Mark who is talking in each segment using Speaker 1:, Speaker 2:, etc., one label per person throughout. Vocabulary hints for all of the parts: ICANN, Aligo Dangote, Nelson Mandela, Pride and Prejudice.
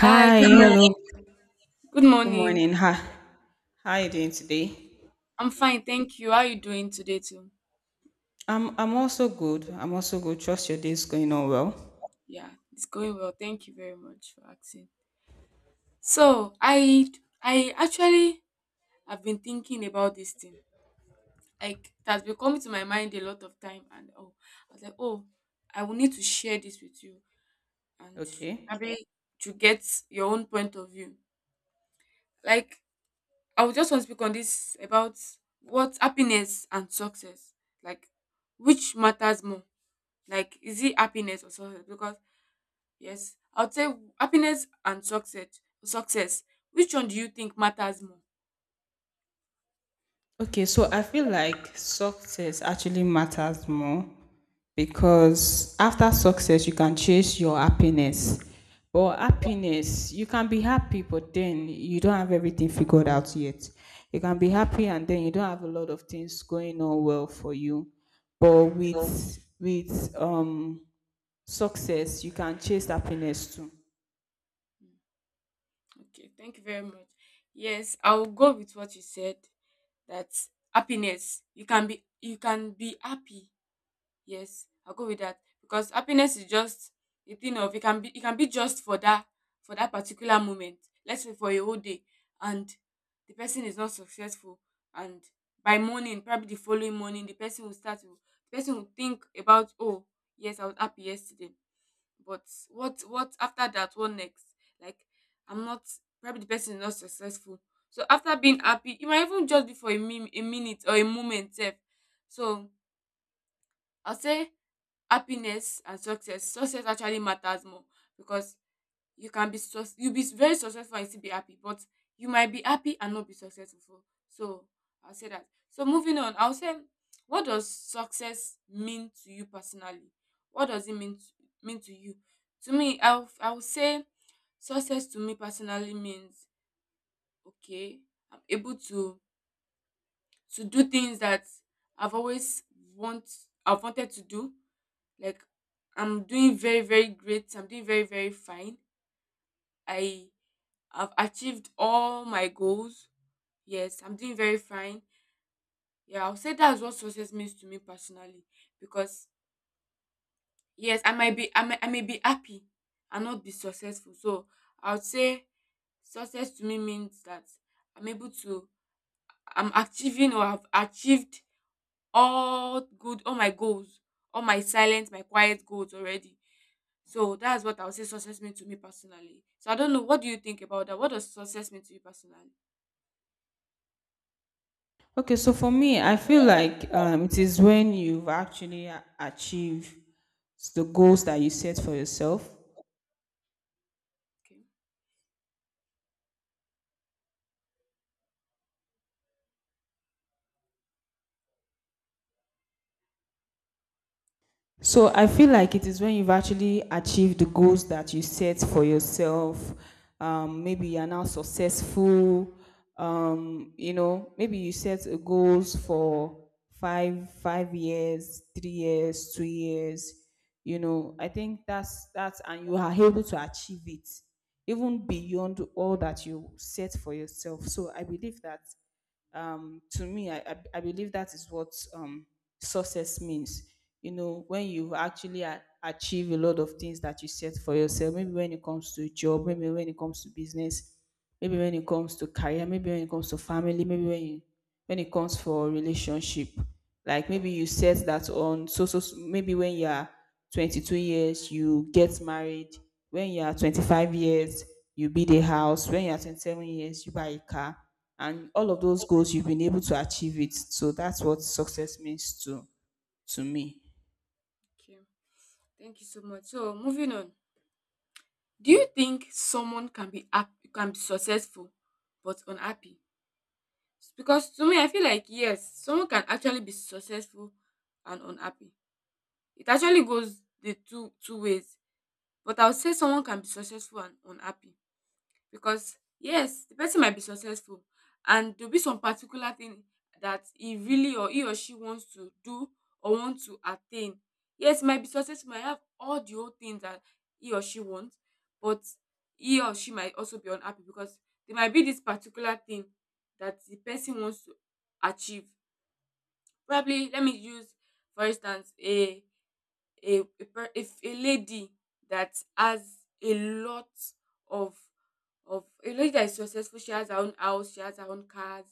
Speaker 1: Hi,
Speaker 2: Hi,
Speaker 1: good morning.
Speaker 2: hello.
Speaker 1: Good
Speaker 2: Good
Speaker 1: morning.
Speaker 2: morning. Hi. How are you doing today?
Speaker 1: I'm fine, thank you. How are you doing today too?
Speaker 2: I'm also good. I'm also good. Trust your day is going on well.
Speaker 1: Yeah, it's going well. Thank you very much for asking. So, I actually have been thinking about this thing. Like it has been coming to my mind a lot of time. And oh, I was like, "Oh, I will need to share this with you and
Speaker 2: Okay.
Speaker 1: maybe to get your own point of view." Like I would just want to speak on this about what happiness and success, like which matters more. Like, is it happiness or success? Because yes, I would say happiness and success. Success. Which one do you think matters more?
Speaker 2: Okay, so I feel like success actually matters more because after success you can chase your happiness. But happiness, you can be happy, but then you don't have everything figured out yet. You can be happy and then you don't have a lot of things going on well for you. But with success you can chase happiness too.
Speaker 1: Mm, okay, thank you very much. Yes, I will go with what you said. That happiness. You can be happy. Yes, I'll go with that because happiness is just a thing of, it can be just for that particular moment. Let's say for a whole day, and the person is not successful, and by morning, probably the following morning, the person will think about, oh yes, I was happy yesterday, but what after that? What next? Like, I'm not probably the person is not successful. So after being happy, it might even just be for a minute or a moment, sef. So I'll say happiness and success actually matters more, because you be very successful and still be happy, but you might be happy and not be successful. So I'll say that. So moving on, I'll say, what does success mean to you personally? What does it mean to you? To me, I'll say, success to me personally means, okay, I'm able to do things that, i've always want I've wanted to do. Like, I'm doing very, very great. I'm doing very, very fine. I have achieved all my goals. Yes, I'm doing very fine. Yeah, I'll say that's what success means to me personally. Because yes, I might be I may, I may be happy and not be successful. So I would say success to me means that I'm able to I'm achieving, or have achieved, all my goals, all my quiet goals already. So that's what I would say success means to me personally. So I don't know, what do you think about that? What does success mean to you personally?
Speaker 2: Okay, so for me I feel like, it is when you've actually achieved the goals that you set for yourself.
Speaker 1: Okay.
Speaker 2: So I feel like it is when you've actually achieved the goals that you set for yourself. Maybe you're now successful. Maybe you set a goals for five, 5 years, 3 years, 2 years. You know, I think that's and you are able to achieve it even beyond all that you set for yourself. So I believe that, to me, I believe that is what, success means. You know, when you actually achieve a lot of things that you set for yourself, maybe when it comes to job, maybe when it comes to business, maybe when it comes to career, maybe when it comes to family, maybe when you, when it comes for relationship, like maybe you set that on so so maybe when you're 22 years you get married, when you're 25 years you build a house, when you're 27 years you buy a car, and all of those goals you've been able to achieve it. So that's what success means to me.
Speaker 1: Okay. Thank you so much. So moving on. Do you think someone can be successful but unhappy? Because to me, I feel like yes, someone can actually be successful and unhappy. It actually goes the two ways. But I would say someone can be successful and unhappy, because yes, the person might be successful, and there'll be some particular thing that he or she wants to do, or want to attain. Yes, might be successful, might have all the whole things that he or she wants. But he or she might also be unhappy, because there might be this particular thing that the person wants to achieve. Probably let me use, for instance, if a lady that has a lot of of a lady that is successful. She has her own house, she has her own cars.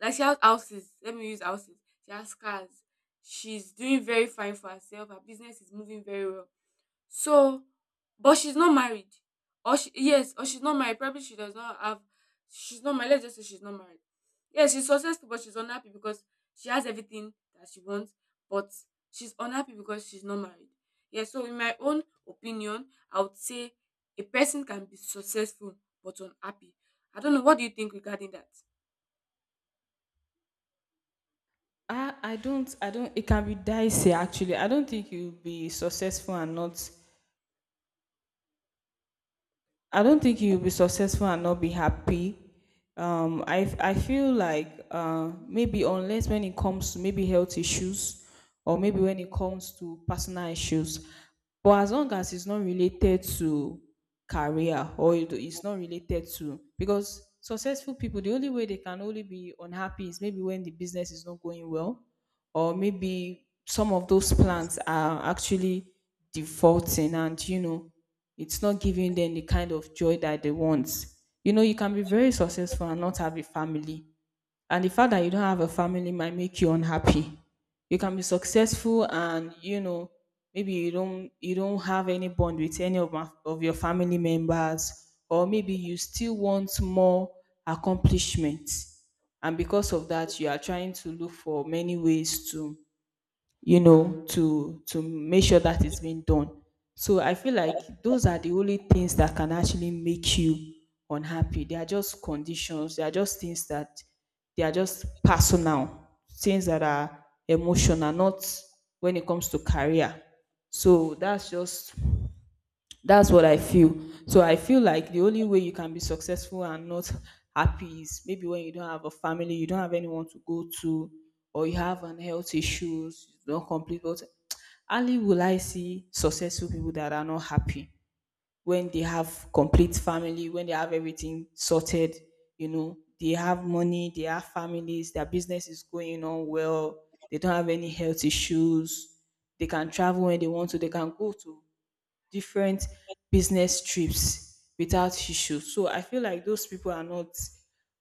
Speaker 1: Like, she has houses. Let me use houses. She has cars. She's doing very fine for herself, her business is moving very well. So, but she's not married, or she yes, or she's not married. Probably she does not have She's not married, let's just say she's not married. Yes, she's successful, but she's unhappy because she has everything that she wants, but she's unhappy because she's not married. Yes, so in my own opinion, I would say a person can be successful but unhappy. I don't know, what do you think regarding that?
Speaker 2: I don't, I don't. It can be dicey actually. I don't think you'll be successful and not, I don't think you'll be successful and not be happy. I I feel like, maybe unless when it comes to maybe health issues or maybe when it comes to personal issues, but as long as it's not related to career, or it's not related to, because successful people, the only way they can only be unhappy is maybe when the business is not going well, or maybe some of those plants are actually defaulting, and you know, it's not giving them the kind of joy that they want. You know, you can be very successful and not have a family, and the fact that you don't have a family might make you unhappy. You can be successful and, you know, maybe you don't have any bond with any of your family members, or maybe you still want more accomplishment, and because of that you are trying to look for many ways to, you know, to make sure that it's being done. So I feel like those are the only things that can actually make you unhappy. They are just conditions, they are just things that, they are just personal things that are emotional, not when it comes to career. So that's just, that's what I feel. So I feel like the only way you can be successful and not happy is maybe when you don't have a family, you don't have anyone to go to, or you have an health issues, you don't complete what. Only will I see successful people that are not happy when they have complete family, when they have everything sorted, you know, they have money, they have families, their business is going on well, they don't have any health issues, they can travel when they want to, they can go to different business trips without issue. So I feel like those people are not,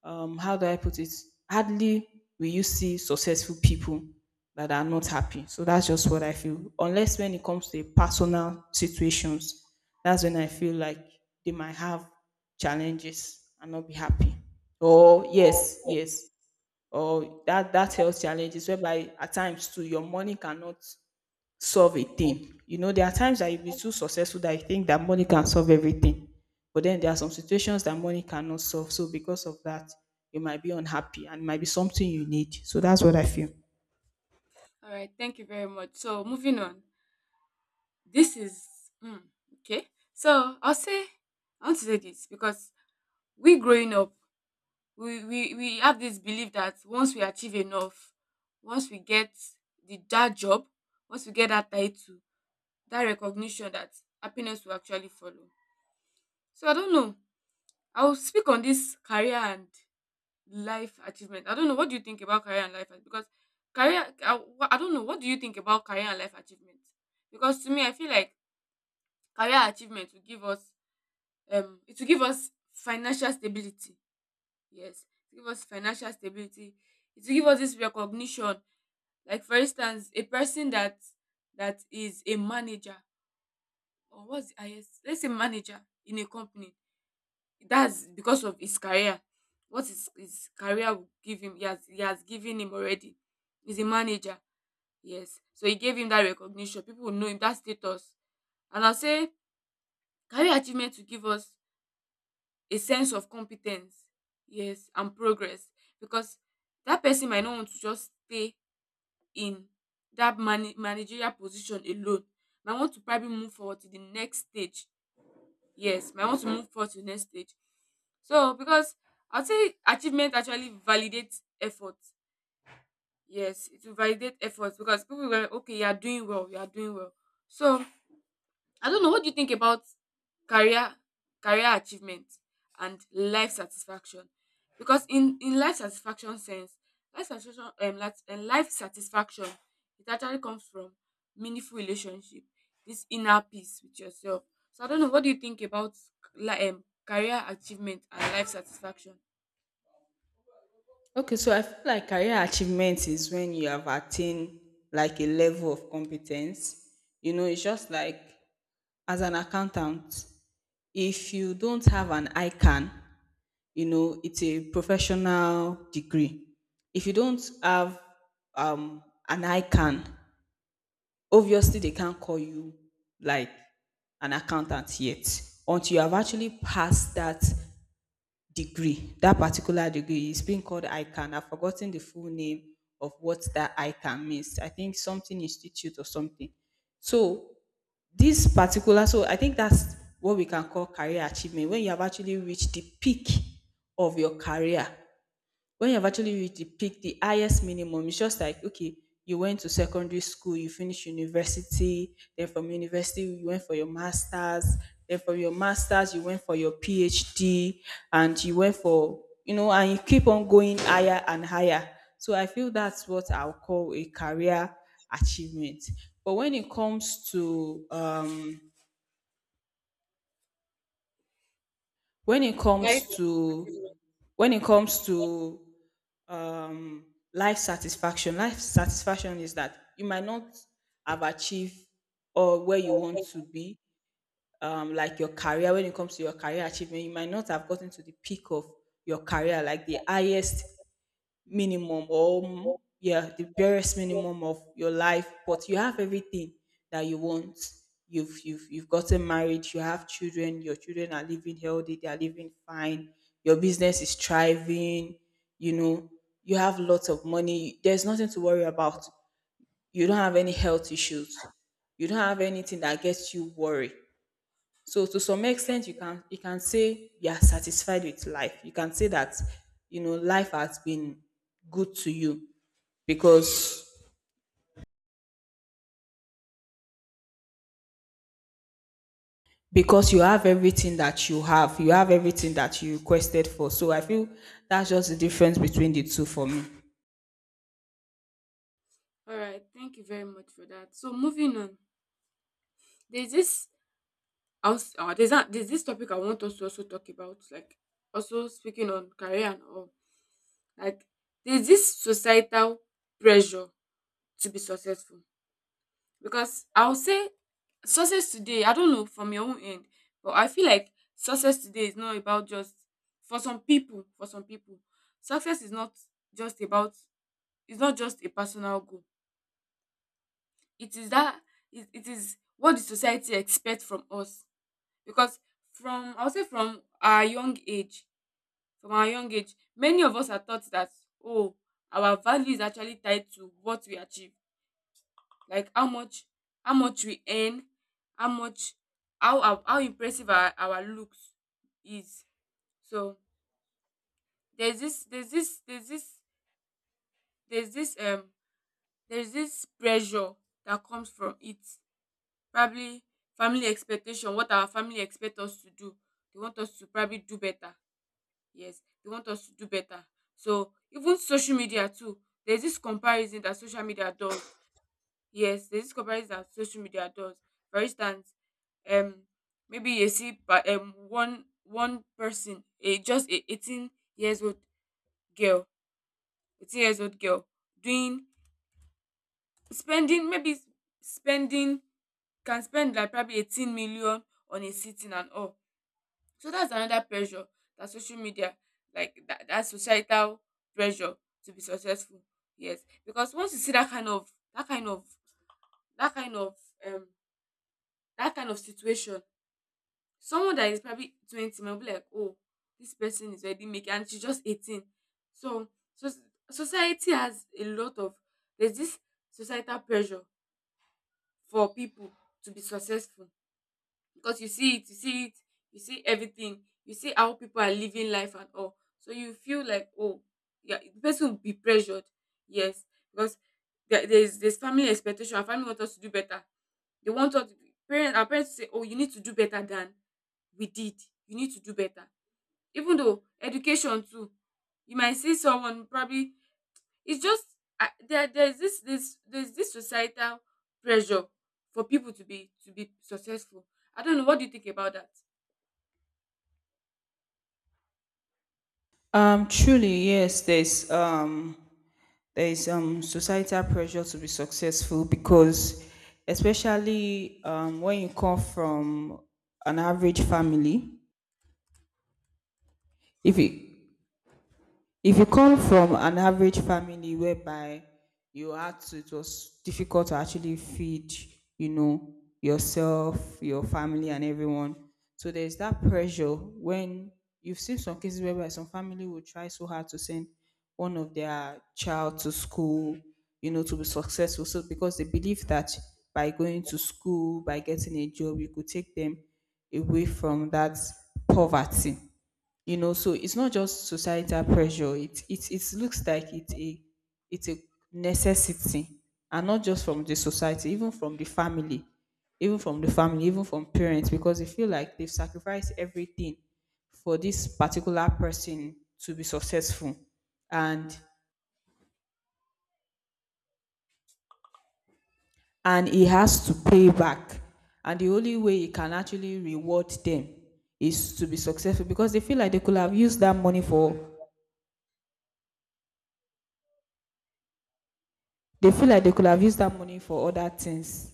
Speaker 2: how do I put it? Hardly will you see successful people that are not happy. So that's just what I feel. Unless when it comes to personal situations, that's when I feel like they might have challenges and not be happy. Or yes, yes. Or that, that health challenges whereby at times too your money cannot solve a thing. You know, there are times that you'll be too successful that you think that money can solve everything. But then there are some situations that money cannot solve. So because of that, you might be unhappy and it might be something you need. So that's what I feel.
Speaker 1: All right, thank you very much. So moving on, this is mm, okay. So I'll say, I want to say this, because we growing up, we have this belief that once we achieve enough, once we get the that job, once we get that title, that recognition, that happiness will actually follow. So I don't know, I will speak on this career and life achievement. I don't know, what do you think about career and life ach- because career I don't know, what do you think about career and life achievement? Because to me, I feel like career achievement will give us, financial stability. Yes, to give us financial stability. It will give us this recognition. Like, for instance, a person that is a manager, or what's the highest? Let's say manager in a company. That's because of his career. What his career will give him, he has given him already. He's a manager. Yes. So he gave him that recognition. People will know him, that status. And I'll say career achievement will give us a sense of competence, yes, and progress, because that person might not want to just stay in that managerial position alone. Might want to probably move forward to the next stage. Yes, might want to move forward to the next stage. So because, I'll say, achievement actually validates effort. Yes, it will validate effort, because people will like, okay, you are doing well, you are doing well. So I don't know, what do you think about career career achievement and life satisfaction? Because in life satisfaction sense, life satisfaction, it actually comes from meaningful relationship, this inner peace with yourself. So I don't know, what do you think about career achievement and life satisfaction?
Speaker 2: Okay, so I feel like career achievement is when you have attained like a level of competence. You know, it's just like as an accountant, if you don't have an ICANN, you know, it's a professional degree. If you don't have, um, an ICANN, obviously they can't call you like an accountant yet until you have actually passed that degree, that particular degree, is being called ICANN. I've forgotten the full name of what that ICANN means. I think something institute or something. So this particular, so I think that's what we can call career achievement, when you have actually reached the peak of your career, when you've actually reached the peak, the highest minimum. It's just like, okay, you went to secondary school, you finished university, then from university, you went for your master's, then from your master's, you went for your PhD, and you went for, you know, and you keep on going higher and higher. So I feel that's what I'll call a career achievement. But when it comes to, when it
Speaker 1: Life.
Speaker 2: comes to,
Speaker 1: Achievement.
Speaker 2: when it comes to, um, life satisfaction. Life satisfaction is that you might not have achieved or where you want to be, like your career. When it comes to your career achievement you might not have gotten to the peak of your career, like the highest minimum, or yeah, the barest minimum of your life, but you have everything that you want. You've gotten married, you have children, your children are living healthy, they are living fine, your business is thriving, you know, you have lots of money, there's nothing to worry about, you don't have any health issues, you don't have anything that gets you worried. So to some extent, you can, you can say you are satisfied with life. You can say that you know life has been good to you, because because you have everything that you have. You have everything that you requested for. So I feel that's just the difference between the two for me.
Speaker 1: All right, thank you very much for that. So moving on, there's this there's this topic I want us to also talk about, like also speaking on career and all. Like, there's this societal pressure to be successful, because I will say success today. I don't know from your own end, but I feel like success today is not about just, for some people. For some people, success is not just about it's not just a personal goal. It is that, it is what the society expects from us, because, from I will say from our young age from our young age, many of us are taught that oh, our value is actually tied to what we achieve, like how much we earn, how much how impressive our looks is. So there's this, there's this um pressure that comes from it. Probably family expectation, what our family expect us to do. They want us to probably do better. Yes, they want us to do better. So even social media too, there's this comparison that social media does. Yes, there's this comparison that social media does. For instance, um, maybe you see, but one person, a just a 18 years old girl, 18 years old girl, doing, spending, maybe spending can spend like probably 18 million on a sitting and all. So that's another pressure that social media, like that societal pressure to be successful. Yes, because once you see that kind of, that kind of that kind of um that kind of situation, someone that is probably 20 might be like, oh, this person is already making, and she's just 18. So so society has a lot of there's this societal pressure for people to be successful, because you see it, you see it, you see everything. You see how people are living life and all. So you feel like, oh yeah, the person will be pressured, yes, because there's family expectation. Our family want us to do better. They want us to, parents. Our parents say, oh, you need to do better than we did. You need to do better, even though education too. You might see someone probably. It's just there. There's this societal pressure for people to be successful. I don't know, what do you think about that?
Speaker 2: Truly, yes. There is societal pressure to be successful, because especially when you come from an average family, if you, if you come from an average family whereby you had to, it was difficult to actually feed, you know, yourself, your family, and everyone. So there's that pressure, when you've seen some cases whereby some family will try so hard to send one of their child to school, you know, to be successful. So because they believe that by going to school, by getting a job, you could take them away from that poverty. You know, so it's not just societal pressure, it looks like it's a, it's a necessity, and not just from the society, even from the family, even from the family, even from parents, because they feel like they've sacrificed everything for this particular person to be successful, and and he has to pay back, and the only way he can actually reward them is to be successful, because they feel like they could have used that money for, they feel like they could have used that money for other things.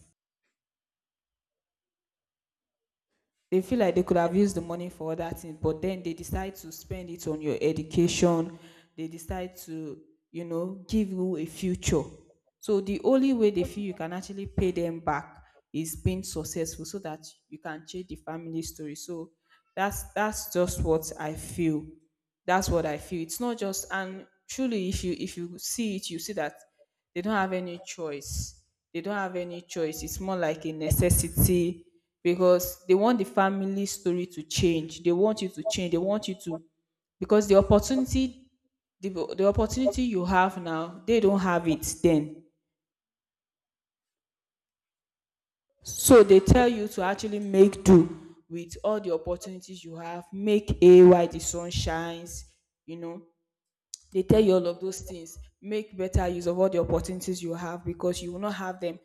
Speaker 2: They feel like they could have used the money for other things, but then they decide to spend it on your education. They decide to, you know, give you a future. So the only way they feel you can actually pay them back is being successful, so that you can change the family story. So that's just what I feel. That's what I feel. It's not just, and truly, if you, if you see it, you see that they don't have any choice. They don't have any choice, it's more like a necessity, because they want the family story to change, they want you to change, they want you to, because the opportunity, the, the opportunity you have now they don't have it then. So they tell you to actually make do with all the opportunities you have, make a while the sun shines. You know, they tell you all of those things, make better use of all the opportunities you have, because you will not have them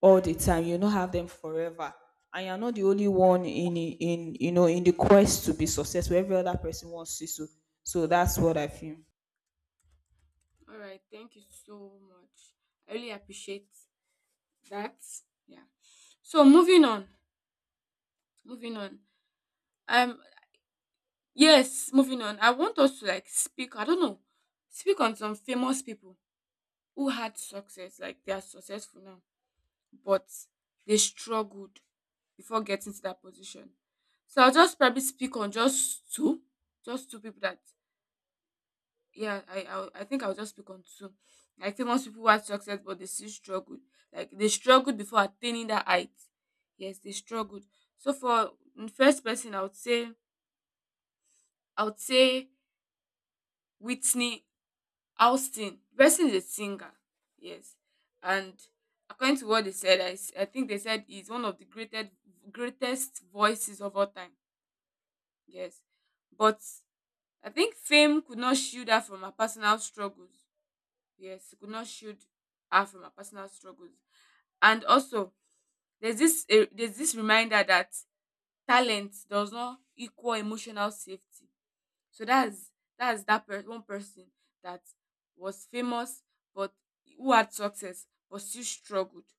Speaker 2: all the time, you will not have them forever. And you're not the only one in, you know, in the quest to be successful, every other person wants to. So so that's what I feel.
Speaker 1: All right, thank you so much. I really appreciate that. Yeah. So moving on, moving on. Um, yes, moving on. I want us to like speak. I don't know, speak on some famous people who had success. Like, they are successful now, but they struggled before getting to that position. So I'll just probably speak on just two people that yeah I think I'll just pick on two, like famous people who had success but they still struggled, like they struggled before attaining that height. Yes, they struggled. So for, in first person I would say, I would say Whitney Houston. The person is a singer, yes. And according to what they said, I think they said he's one of the greatest greatest voices of all time, yes. But I think fame could not shield her from her personal struggles. Yes, could not shield her from her personal struggles. And also, there's this there's this reminder that talent does not equal emotional safety. So that's one person that was famous, but who had success but still struggled.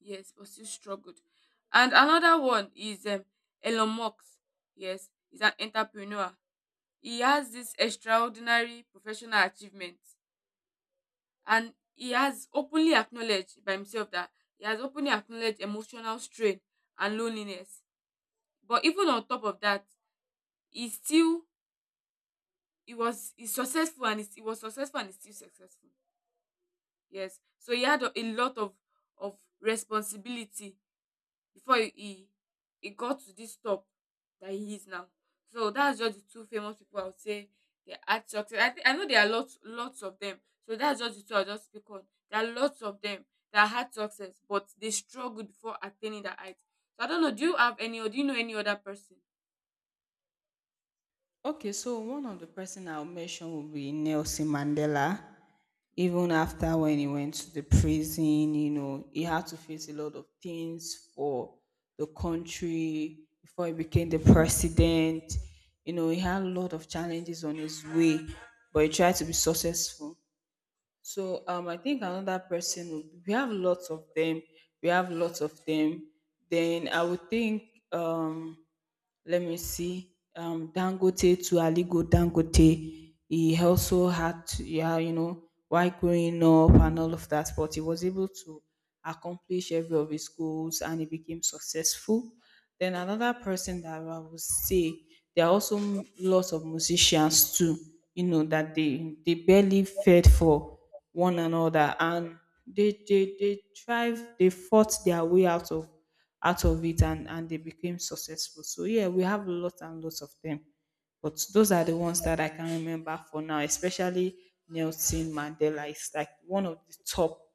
Speaker 1: Yes, but still struggled. And another one is Elon Musk. Yes, he's an entrepreneur. He has this extraordinary professional achievement, and he has openly acknowledged by himself that he has openly acknowledged emotional strain and loneliness. But even on top of that, he still, he was successful and he's still successful. Yes, so he had a lot of responsibility before he he got to this top that he is now. So that's just the two famous people I would say they had success. I think I know there are lots of them. So that's just the two I'll just speak on. There are lots of them that had success, but they struggled before attaining that height. So I don't know. Do you have any or do you know any other person?
Speaker 2: Okay, so one of the person I'll mention will be Nelson Mandela.
Speaker 1: Okay.
Speaker 2: Even after when he went to the prison, you know, he had to face a lot of things for the country before he became the president. You know, he had a lot of challenges on his way, but he tried to be successful. So I think another person would, we have lots of them. We have lots of them. Then I would think um let me see, Dangote to Aligo Dangote. He also had, yeah, you know, while growing up and all of that, but he was able to accomplish every of his goals and he became successful. Then another person that I would say, there are also lots of musicians too, you know, that they barely fed for one another and they thrive, they fought their way out of it and they became successful. So yeah, we have lots and lots of them, but those are the ones that I can remember for now. Especially Nelson Mandela is like one of the top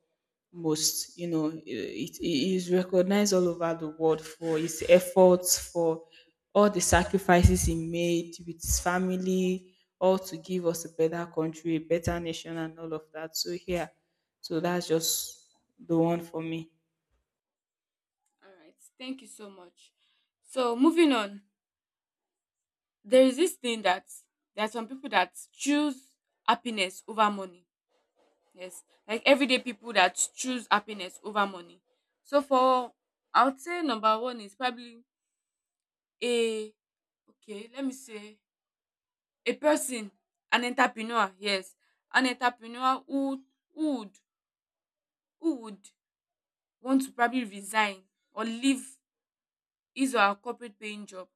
Speaker 2: most, you know, it is recognized all over the world for his efforts, for all the sacrifices he made with his family, all to give us a better country, a better nation and all of that. So yeah, so that's just the one for me.
Speaker 1: All right, thank you so much. So moving on, there is this thing that there are some people that choose happiness over money. Yes, like everyday people that choose happiness over money. So for, I would say number one is probably a, okay, let me say a person, an entrepreneur, yes. An entrepreneur who who would would want to probably resign or leave his or her corporate paying job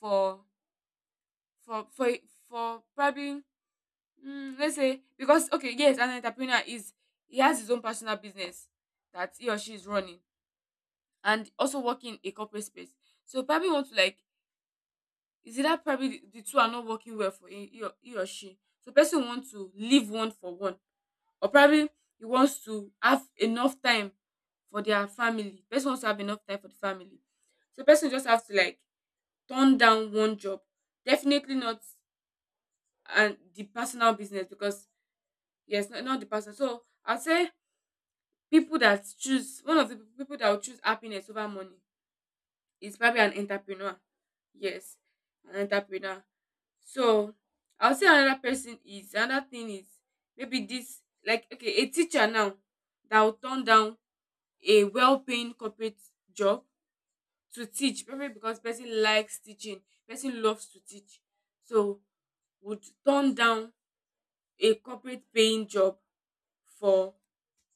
Speaker 1: for for for for probably, let's say, because okay, yes, an entrepreneur is he has his own personal business that he or she is running and also work in a corporate space. So probably want to like, is it that probably the two are not working well for he or she. So person wants to leave one for one, or probably he wants to have enough time for their family. Person wants to have enough time for the family. So person just have to like turn down one job. Definitely not and the personal business because yes, not, not the person. So I'd say people that choose, one of the people that will choose happiness over money is probably an entrepreneur. Yes, an entrepreneur. So I'll say another person, is another thing is maybe this like okay, a teacher now that will turn down a well-paying corporate job to teach, probably because person likes teaching, person loves to teach. So would turn down a corporate paying job for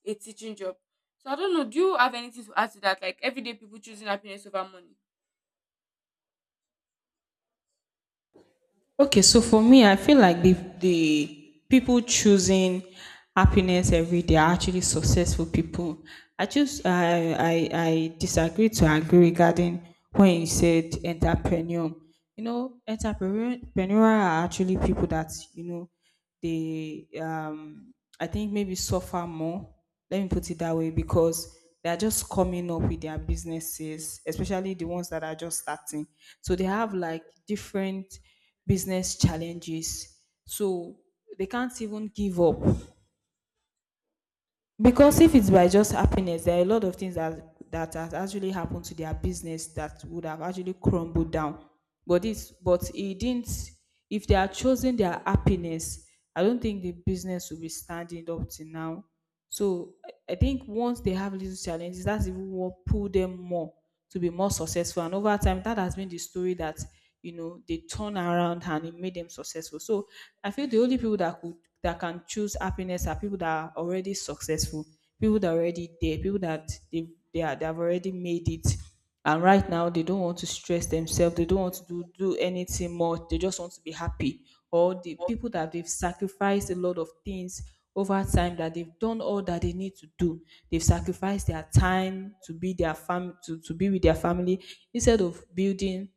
Speaker 1: a teaching job. So I don't know, do you have anything to add to that, like everyday people choosing happiness over money?
Speaker 2: Okay, so for me, I feel like the people choosing happiness every day are actually successful people. I just I disagree to agree regarding when you said entrepreneur. You know, entrepreneur are actually people that, you know, they, I think maybe suffer more, let me put it that way, because they are just coming up with their businesses, especially the ones that are just starting. So they have like different business challenges, so they can't even give up, because if it's by just happiness, there are a lot of things that that has actually happened to their business that would have actually crumbled down. But this, but it didn't. If they are choosing their happiness, I don't think the business will be standing up to now. So I think once they have little challenges, that's even what pull them more to be more successful. And over time, that has been the story that, you know, they turn around and it made them successful. So I feel the only people that could that can choose happiness are people that are already successful, people that are already there, people that they have already made it. And right now, they don't want to stress themselves. They don't want to do anything more. They just want to be happy. Or the people that they've sacrificed a lot of things over time, that they've done all that they need to do. They've sacrificed their time to be their fam to be with their family, instead of building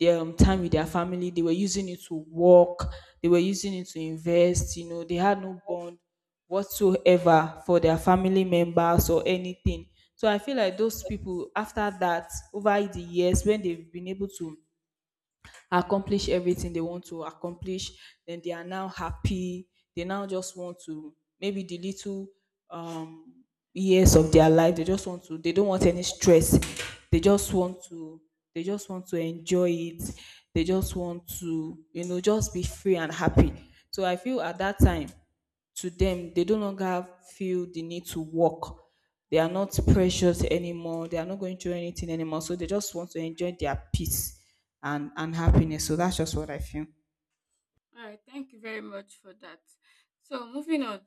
Speaker 2: their time with their family. They were using it to work. They were using it to invest. You know, they had no bond whatsoever for their family members or anything. So I feel like those people, after that, over the years, when they've been able to accomplish everything they want to accomplish, then they are now happy. They now just want to, maybe the little um, years of their life. They just want to. They don't want any stress. They just want to. They just want to enjoy it. They just want to, you know, just be free and happy. So I feel at that time, to them, they no longer feel the need to work. They are not precious anymore, they are not going through anything anymore, so they just want to enjoy their peace and happiness. So that's just what I feel.
Speaker 1: All right, thank you very much for that. So moving on,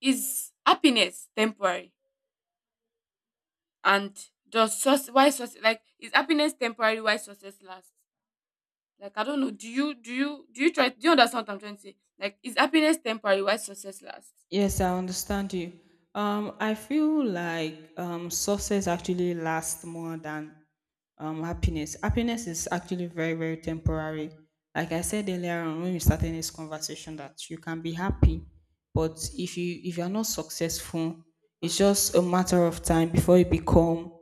Speaker 1: is happiness temporary? And does success, why success, like is happiness temporary? Why success lasts? Like I don't know. Do you try? Do you understand what I'm trying to say? Like, is happiness temporary? Why success lasts?
Speaker 2: Yes, I understand you. I feel like success actually lasts more than happiness. Happiness is actually very, very temporary. Like I said earlier on when we started this conversation, that you can be happy, but if you are not successful, it's just a matter of time before you become,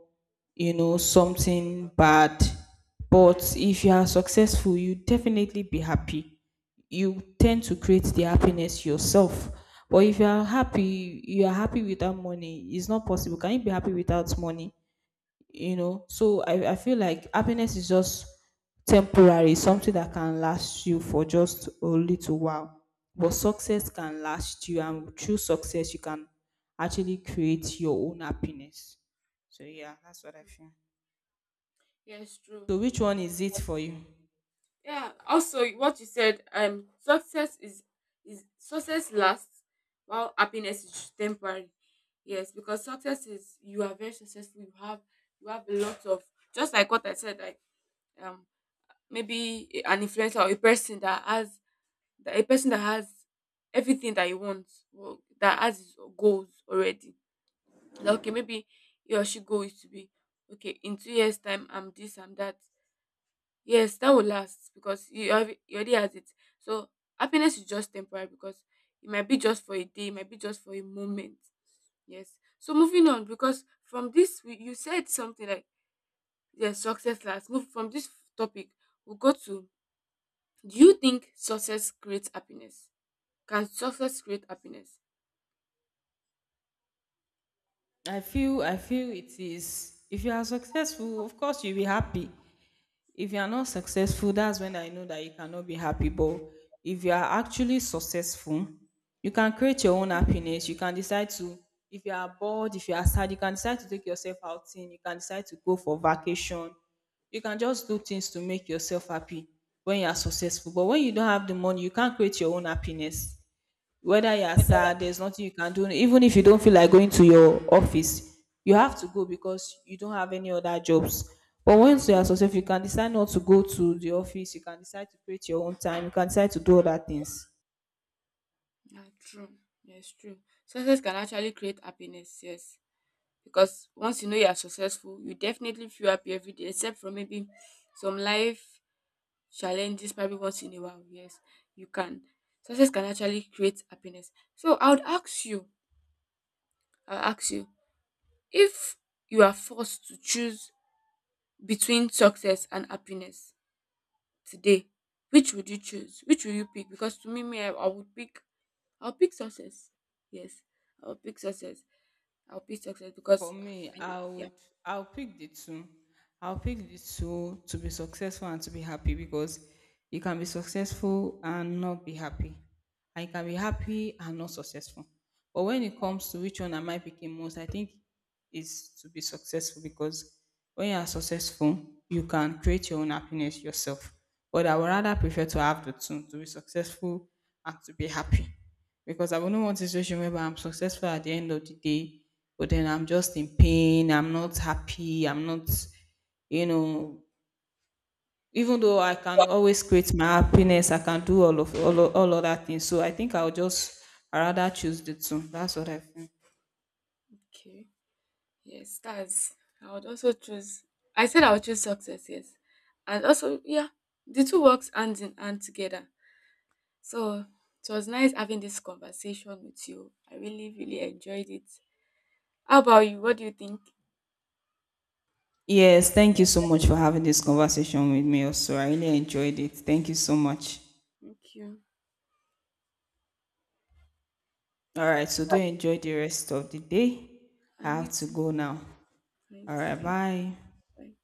Speaker 2: you know, something bad. But if you are successful, you definitely be happy. You tend to create the happiness yourself. But if you are happy, you are happy without money. It's not possible. Can you be happy without money? You know, so I feel like happiness is just temporary, something that can last you for just a little while. But success can last you, and through success, you can actually create your own happiness. So
Speaker 1: Yeah,
Speaker 2: yeah, that's what I feel.
Speaker 1: yes, true.
Speaker 2: So which one is it for you?
Speaker 1: Yeah. Also, what you said, success is success lasts while happiness is temporary. Yes, because success is you are very successful. You have, you have a lot of, just like what I said, like um maybe an influencer or a person that has, that a person that has everything that he wants, well, that has his goals already. Like, okay, maybe he or she goal is to be okay in 2 years time. I'm this, I'm that. Yes, that will last because you have, you already has it. So happiness is just temporary because it might be just for a day, it might be just for a moment. Yes. So moving on, because from this you said something like yes, success lasts. Move from this topic, we'll go to, do you think success creates happiness? Can success create happiness?
Speaker 2: I feel it is, if you are successful, of course you'll be happy. If you are not successful, that's when I know that you cannot be happy. But if you are actually successful, you can create your own happiness. You can decide to, if you are bored, if you are sad, you can decide to take yourself outing, you can decide to go for vacation. You can just do things to make yourself happy when you are successful. But when you don't have the money, you can't create your own happiness. Whether you are sad, there's nothing you can do. Even if you don't feel like going to your office, you have to go because you don't have any other jobs. But once you are successful, you can decide not to go to the office. You can decide to create your own time. You can decide to do other things.
Speaker 1: Yeah, true. Yes, true. Success can actually create happiness, yes. Because once you know you are successful, you definitely feel happy every day, except for maybe some life challenges maybe once in a while. Yes, you can, success can actually create happiness. So I would ask you, I'll ask you, if you are forced to choose between success and happiness today, which would you choose, which will you pick? Because to me, I would pick, I'll pick success, yes. I'll pick success. I'll pick success
Speaker 2: For
Speaker 1: because
Speaker 2: me,
Speaker 1: I,
Speaker 2: I
Speaker 1: yeah.
Speaker 2: would I'll pick the two. I'll pick the two, to be successful and to be happy, because you can be successful and not be happy. And you can be happy and not successful. But when
Speaker 1: Mm,
Speaker 2: it comes to which one am I picking most, I think is to be successful, because when you are successful, you can create your own happiness yourself. But I would rather prefer to have the two, to be successful and to be happy, because I wouldn't want a situation where I'm successful at the end of the day, but then I'm just in pain, I'm not happy, I'm not, you know, even though I can always create my happiness, I can do all of all other things. So I think I'll just I rather choose the two. That's what I feel.
Speaker 1: okay. Yes, that's. I would also choose. I said I would choose success. Yes, and also yeah, the two works hand in hand together. So it was nice having this conversation with you. I really really enjoyed it. How about you? What do you think?
Speaker 2: Yes, thank you so much for having this conversation with me also. I really enjoyed it. Thank you so much.
Speaker 1: Thank you.
Speaker 2: All right, so do enjoy the rest of the day. I
Speaker 1: And
Speaker 2: have
Speaker 1: you
Speaker 2: to
Speaker 1: too.
Speaker 2: go now.
Speaker 1: Right.
Speaker 2: All right,
Speaker 1: Thank you.
Speaker 2: bye.
Speaker 1: Bye.